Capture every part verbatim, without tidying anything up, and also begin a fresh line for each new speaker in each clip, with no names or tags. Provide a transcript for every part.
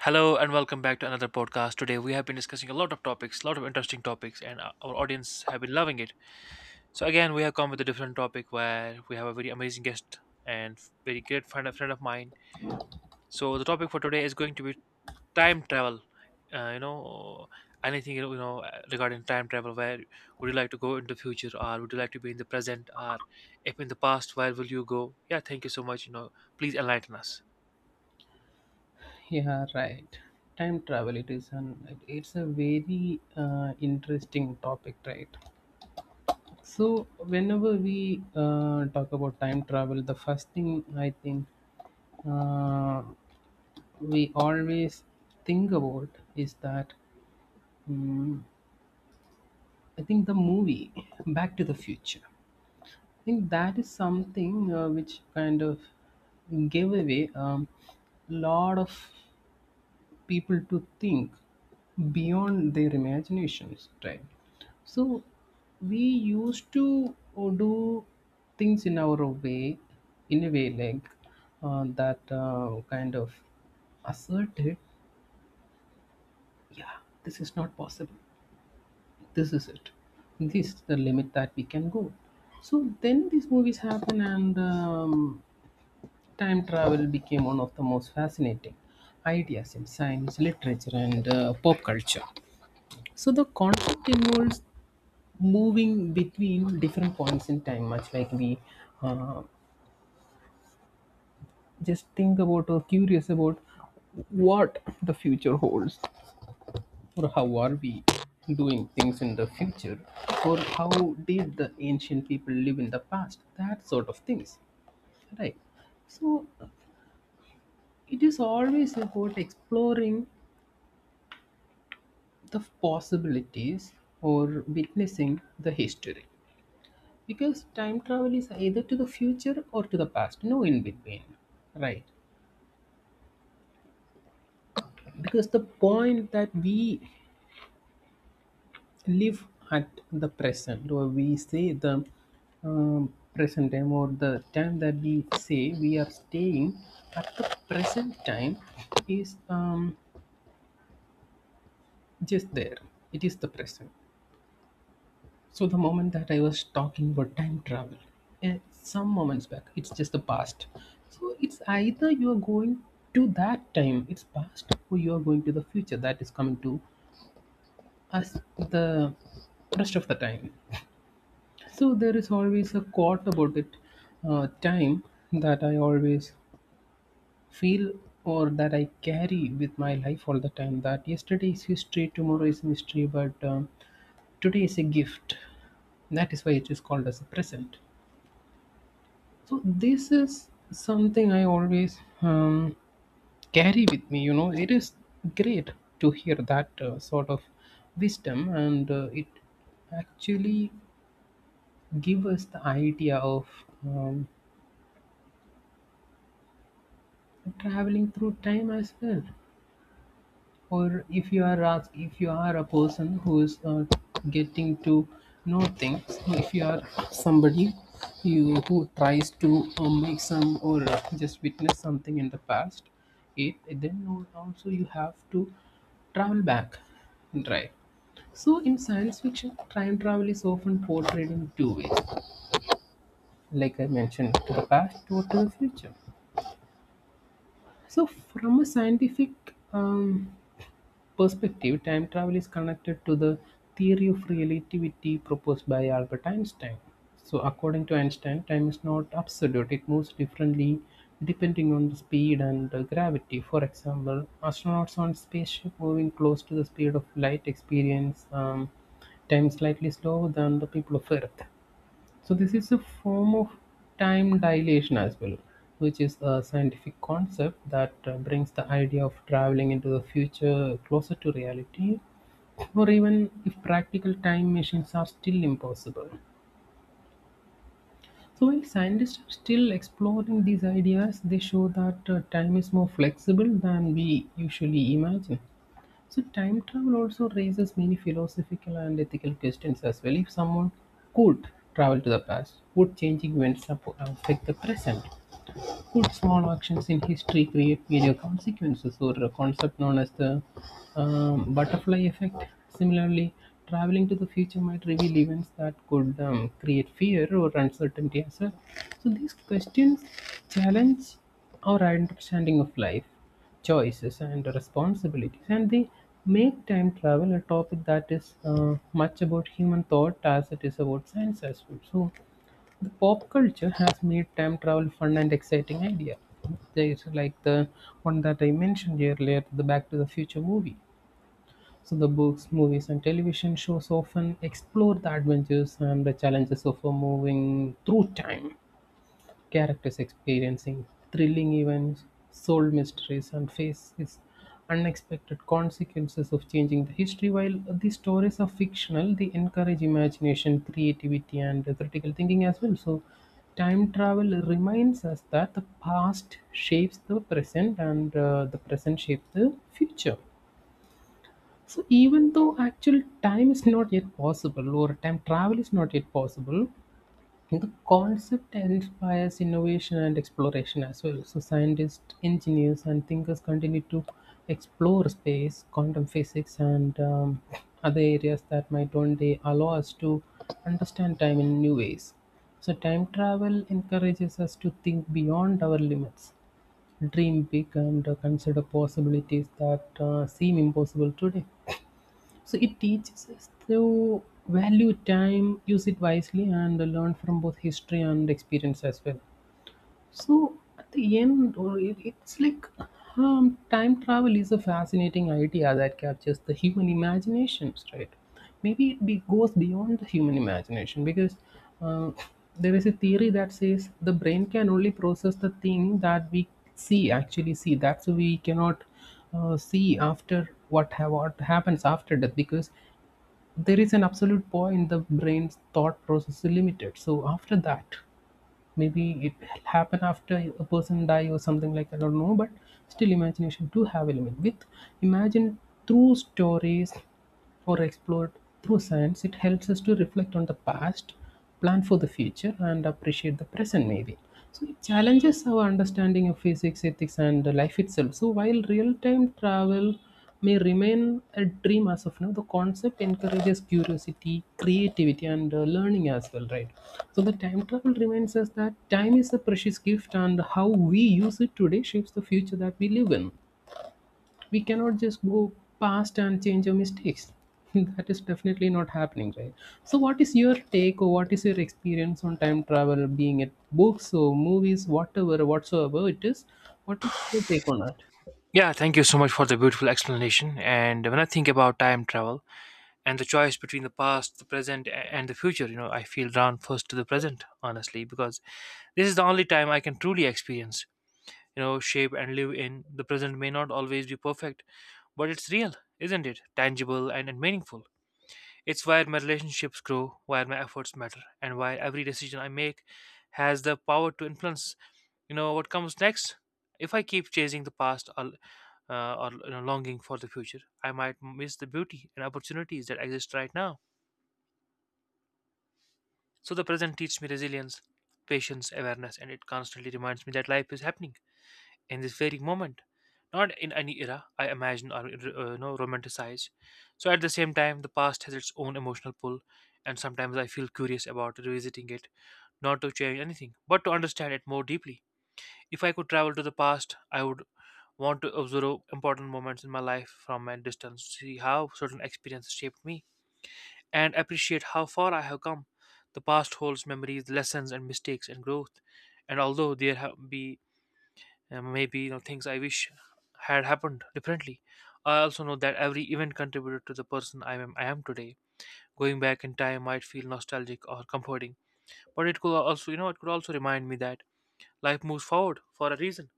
Hello and welcome back to another podcast. Today we have been discussing a lot of topics, a lot of interesting topics, and our our audience have been loving it. So again, we have come with a different topic where we have a very amazing guest and very great friend, a friend of mine. So the topic for today is going to be time travel. Uh, you know, anything you know you know, uh, regarding time travel. Where would you like to go in the future, or would you like to be in the present, or if in the past, where will you go? Yeah, thank you so much. You know, please enlighten us.
Yeah, right. Time travel. It is an. It's a very uh, interesting topic, right? So whenever we uh, talk about time travel, the first thing I think uh, we always think about is that um, I think the movie Back to the Future. I think that is something uh, which kind of gave away um, lot of people to think beyond their imaginations, right? So we used to uh, do things in our way, in a way like uh, that uh, kind of asserted, yeah, this is not possible, this is it, this is the limit that we can go. So then these movies happen, and um, time travel became one of the most fascinating ideas in science literature and uh, pop culture. So the conflict involves moving between different points in time, much like we uh, just think about or curious about what the future holds, or how are we doing things in the future, or how did the ancient people live in the past, that sort of things, right? So it is always about exploring the possibilities or witnessing the history, because time travel is either to the future or to the past, no in between, right? Because the point that we live at the present, or we say the um, present time, or the time that we say we are staying at the present time is um, just there, it is the present. So the moment that I was talking about time travel, eh, some moments back, it's just the past. So it's either you are going to that time, it's past, or you are going to the future that is coming to us the rest of the time. So there is always a quote about it, uh, time that I always feel or that I carry with my life all the time. That yesterday is history, tomorrow is mystery, but um, today is a gift. That is why it is called as a present. So this is something I always um, carry with me you know It is great to hear that uh, sort of wisdom, and uh, it actually gives us the idea of um, traveling through time as well. Or if you are ask, if you are a person who is uh, getting to know things, if you are somebody you who tries to uh, make some, or uh, just witness something in the past, it then al- also you have to travel back, right? So in science fiction, time travel is often portrayed in two ways, like I mentioned, to the past or to the future. So from a scientific um, perspective, time travel is connected to the theory of relativity proposed by Albert Einstein. So, according to Einstein, time is not absolute, it moves differently depending on the speed and uh, gravity. For example, astronauts on spaceship moving close to the speed of light experience um, time slightly slower than the people of Earth. So this is a form of time dilation as well, which is a scientific concept that uh, brings the idea of traveling into the future closer to reality, or even if practical time machines are still impossible. So while scientists are still exploring these ideas, they show that uh, time is more flexible than we usually imagine. So time travel also raises many philosophical and ethical questions as well. If someone could travel to the past, would changing events ap- affect the present? Could small actions in history create major consequences, or a concept known as the um, butterfly effect? Similarly, traveling to the future might reveal events that could um, create fear or uncertainty as well. So, these questions challenge our understanding of life, choices, and responsibilities, and they make time travel a topic that is uh, much about human thought as it is about science as well. So, the pop culture has made time travel fun and exciting idea. There is like the one that I mentioned earlier, the Back to the Future movie. So the books, movies, and television shows often explore the adventures and the challenges of a moving through time. Characters experiencing thrilling events, solve mysteries, and face is unexpected consequences of changing the history. While the stories are fictional, they encourage imagination, creativity, and critical thinking as well. So, time travel reminds us that the past shapes the present, and uh, the present shapes the future. So even though actual time is not yet possible, or time travel is not yet possible, the concept inspires innovation and exploration as well. So, scientists, engineers, and thinkers continue to explore space, quantum physics, and um, other areas that might one day allow us to understand time in new ways. So, time travel encourages us to think beyond our limits, dream big, and uh, consider possibilities that uh, seem impossible today. So it teaches us to value time, use it wisely, and learn from both history and experience as well. So at the end, or it, it's like um, time travel is a fascinating idea that captures the human imaginations, right? Maybe it be, goes beyond the human imagination, because uh, there is a theory that says the brain can only process the thing that we see, actually see. That's why we cannot uh, see after what ha- what happens after death, because there is an absolute point, the brain's thought process is limited. So after that, maybe it will happen after a person die or something, like, I don't know, but still imagination do have a limit. With imagine through stories or explored through science, it helps us to reflect on the past, plan for the future, and appreciate the present, maybe. So it challenges our understanding of physics, ethics, and life itself. So while real time travel may remain a dream as of now, the concept encourages curiosity, creativity, and uh, learning as well, right? So the time travel reminds us that time is a precious gift, and how we use it today shapes the future that we live in. We cannot just go past and change our mistakes that is definitely not happening, right? So what is your take, or what is your experience on time travel, being it books or movies, whatever whatsoever it is, what is your take on that?
Yeah, thank you so much for the beautiful explanation. And when I think about time travel and the choice between the past, the present, a- and the future, you know, I feel drawn first to the present, honestly, because this is the only time I can truly experience, you know, shape and live in. The present may not always be perfect, but it's real, isn't it? Tangible and, and meaningful. It's where my relationships grow, where my efforts matter, and why every decision I make has the power to influence you know what comes next? If I keep chasing the past or, uh, or you know, longing for the future, I might miss the beauty and opportunities that exist right now. So the present teaches me resilience, patience, awareness, and it constantly reminds me that life is happening in this very moment, not in any era I imagine or uh, you know, romanticize. So at the same time, the past has its own emotional pull, and sometimes I feel curious about revisiting it, not to change anything, but to understand it more deeply. If I could travel to the past, I would want to observe important moments in my life from a distance, see how certain experiences shaped me, and appreciate how far I have come. The past holds memories, lessons, and mistakes and growth. And although there have be uh, maybe you know things I wish had happened differently, I also know that every event contributed to the person I am I am today. Going back in time might feel nostalgic or comforting, but it could also you know it could also remind me that life moves forward for a reason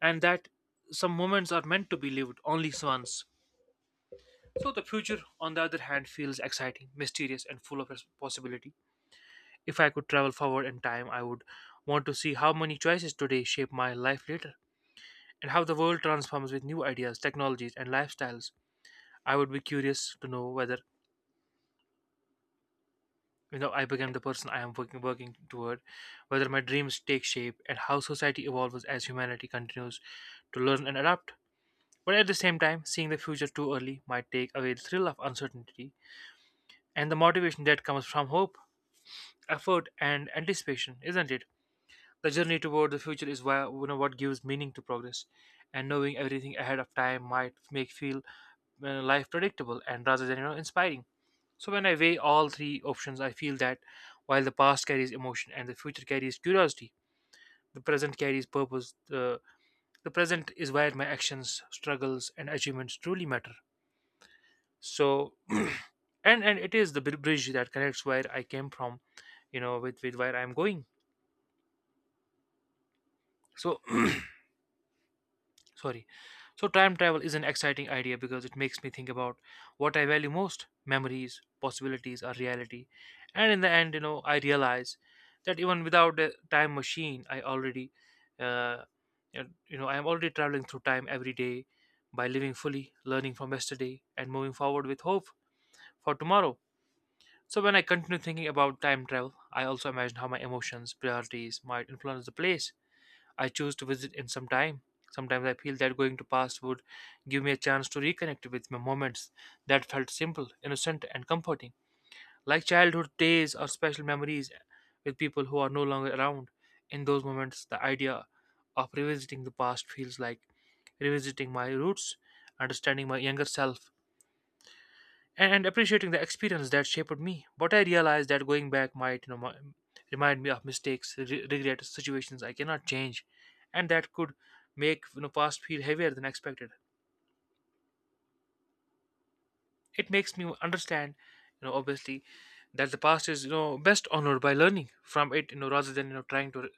and that some moments are meant to be lived only once. So the future, on the other hand, feels exciting, mysterious, and full of possibility. If I could travel forward in time, I would want to see how many choices today shape my life later, and how the world transforms with new ideas, technologies, and lifestyles. I would be curious to know whether you know I became the person I am working working toward, whether my dreams take shape, and how society evolves as humanity continues to learn and adapt. But at the same time, seeing the future too early might take away the thrill of uncertainty and the motivation that comes from hope, effort, and anticipation, isn't it? The journey toward the future is why, you know, what gives meaning to progress, and knowing everything ahead of time might make feel uh, life predictable and rather than you know inspiring. So when I weigh all three options, I feel that while the past carries emotion and the future carries curiosity, the present carries purpose. The the present is where my actions, struggles, and achievements truly matter. So and and it is the br- bridge that connects where I came from, you know, with with where I'm going. So sorry. So time travel is an exciting idea because it makes me think about what I value most, memories, possibilities, or reality. And in the end, you know, I realize that even without a time machine I already, uh, you know, I am already traveling through time every day by living fully, learning from yesterday and moving forward with hope for tomorrow. So when I continue thinking about time travel, I also imagine how my emotions, priorities might influence the place I choose to visit in some time. Sometimes I feel that going to past would give me a chance to reconnect with my moments that felt simple, innocent, and comforting, like childhood days or special memories with people who are no longer around. In those moments, the idea of revisiting the past feels like revisiting my roots, understanding my younger self, and and appreciating the experience that shaped me. But I realized that going back might, you know, mi- remind me of mistakes, re- regrets, situations I cannot change, and that could make you know past feel heavier than expected. It makes me understand, you know, obviously, that the past is you know best honored by learning from it, you know, rather than you know trying to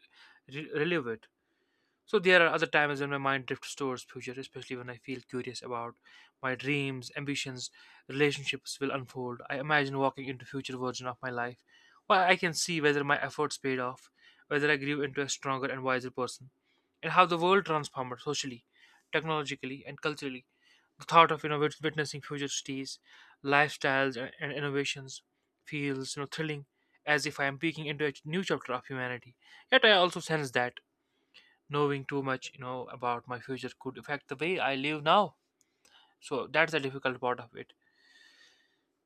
re- relive it. So there are other times when my mind drifts towards future, especially when I feel curious about my dreams, ambitions, relationships will unfold. I imagine walking into future version of my life, where I can see whether my efforts paid off, whether I grew into a stronger and wiser person, and how the world transformed socially, technologically, and culturally. The thought of you know wit- witnessing future cities, lifestyles, and, and innovations feels you know thrilling, as if I am peeking into a ch- new chapter of humanity. Yet I also sense that knowing too much you know about my future could affect the way I live now. So that's the difficult part of it.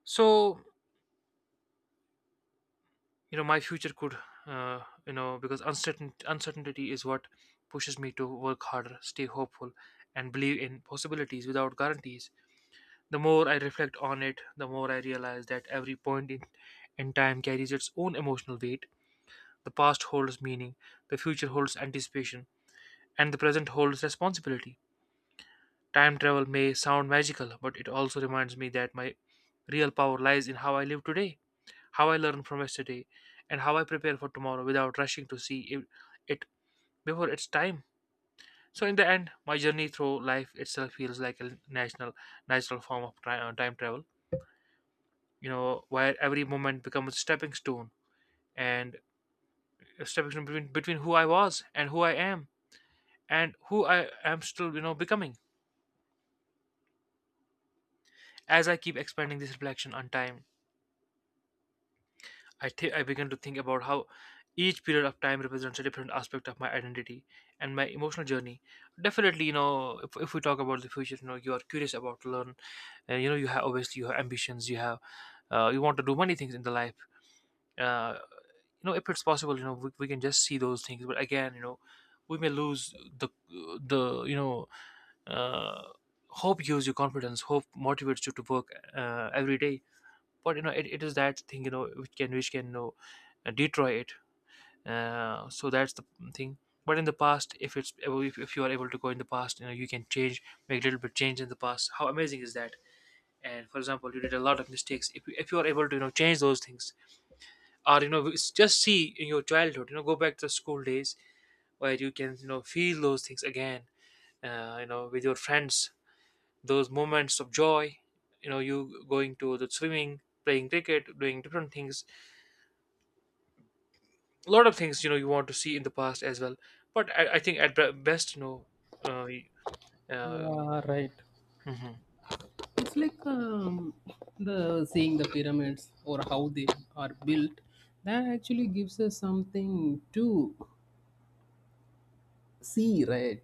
So you know my future could, uh, you know, because uncertain uncertainty is what pushes me to work harder, stay hopeful and believe in possibilities without guarantees. The more I reflect on it, the more I realize that every point in, in time carries its own emotional weight. The past holds meaning, the future holds anticipation, and the present holds responsibility. Time travel may sound magical, but it also reminds me that my real power lies in how I live today, how I learn from yesterday, and how I prepare for tomorrow without rushing to see it, it before it's time. So in the end, my journey through life itself feels like a national natural form of tri- uh, time travel. You know, where every moment becomes a stepping stone and a stepping stone between between who I was and who I am and who I am still, you know, becoming. As I keep expanding this reflection on time I, th- I began to think about how each period of time represents a different aspect of my identity and my emotional journey. Definitely, you know, if, if we talk about the future, you know, you are curious about to learn. Uh, you know, you have obviously you have ambitions. You have uh, you want to do many things in the life. Uh, you know, if it's possible, you know, we, we can just see those things. But again, you know, we may lose the the you know, uh, hope gives you confidence, hope motivates you to work uh, every day. But you know it, it is that thing you know which can which can you know, uh, destroy it. Uh, so that's the thing. But in the past, if it's if, if you are able to go in the past, you know, you can change, make little bit change in the past, how amazing is that. And for example, you did a lot of mistakes, if you, if you are able to you know change those things, or you know s- just see in your childhood, you know, go back to the school days where you can you know feel those things again, uh, you know, with your friends, those moments of joy, you know, you going to the swimming, playing cricket, doing different things, a lot of things you know you want to see in the past as well. But i, I think at be- best you know uh, y- uh,
Yeah, right.
mhm.
It's like um, the seeing the pyramids or how they are built. That actually gives us something to see, right?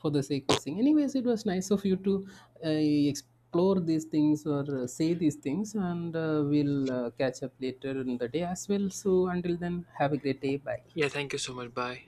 For the sake of seeing. Anyways, it was nice of you to uh, explore these things, or uh, say these things, and uh, we'll uh, catch up later in the day as well. So until then, have a great day. Bye.
Yeah, thank you so much. Bye.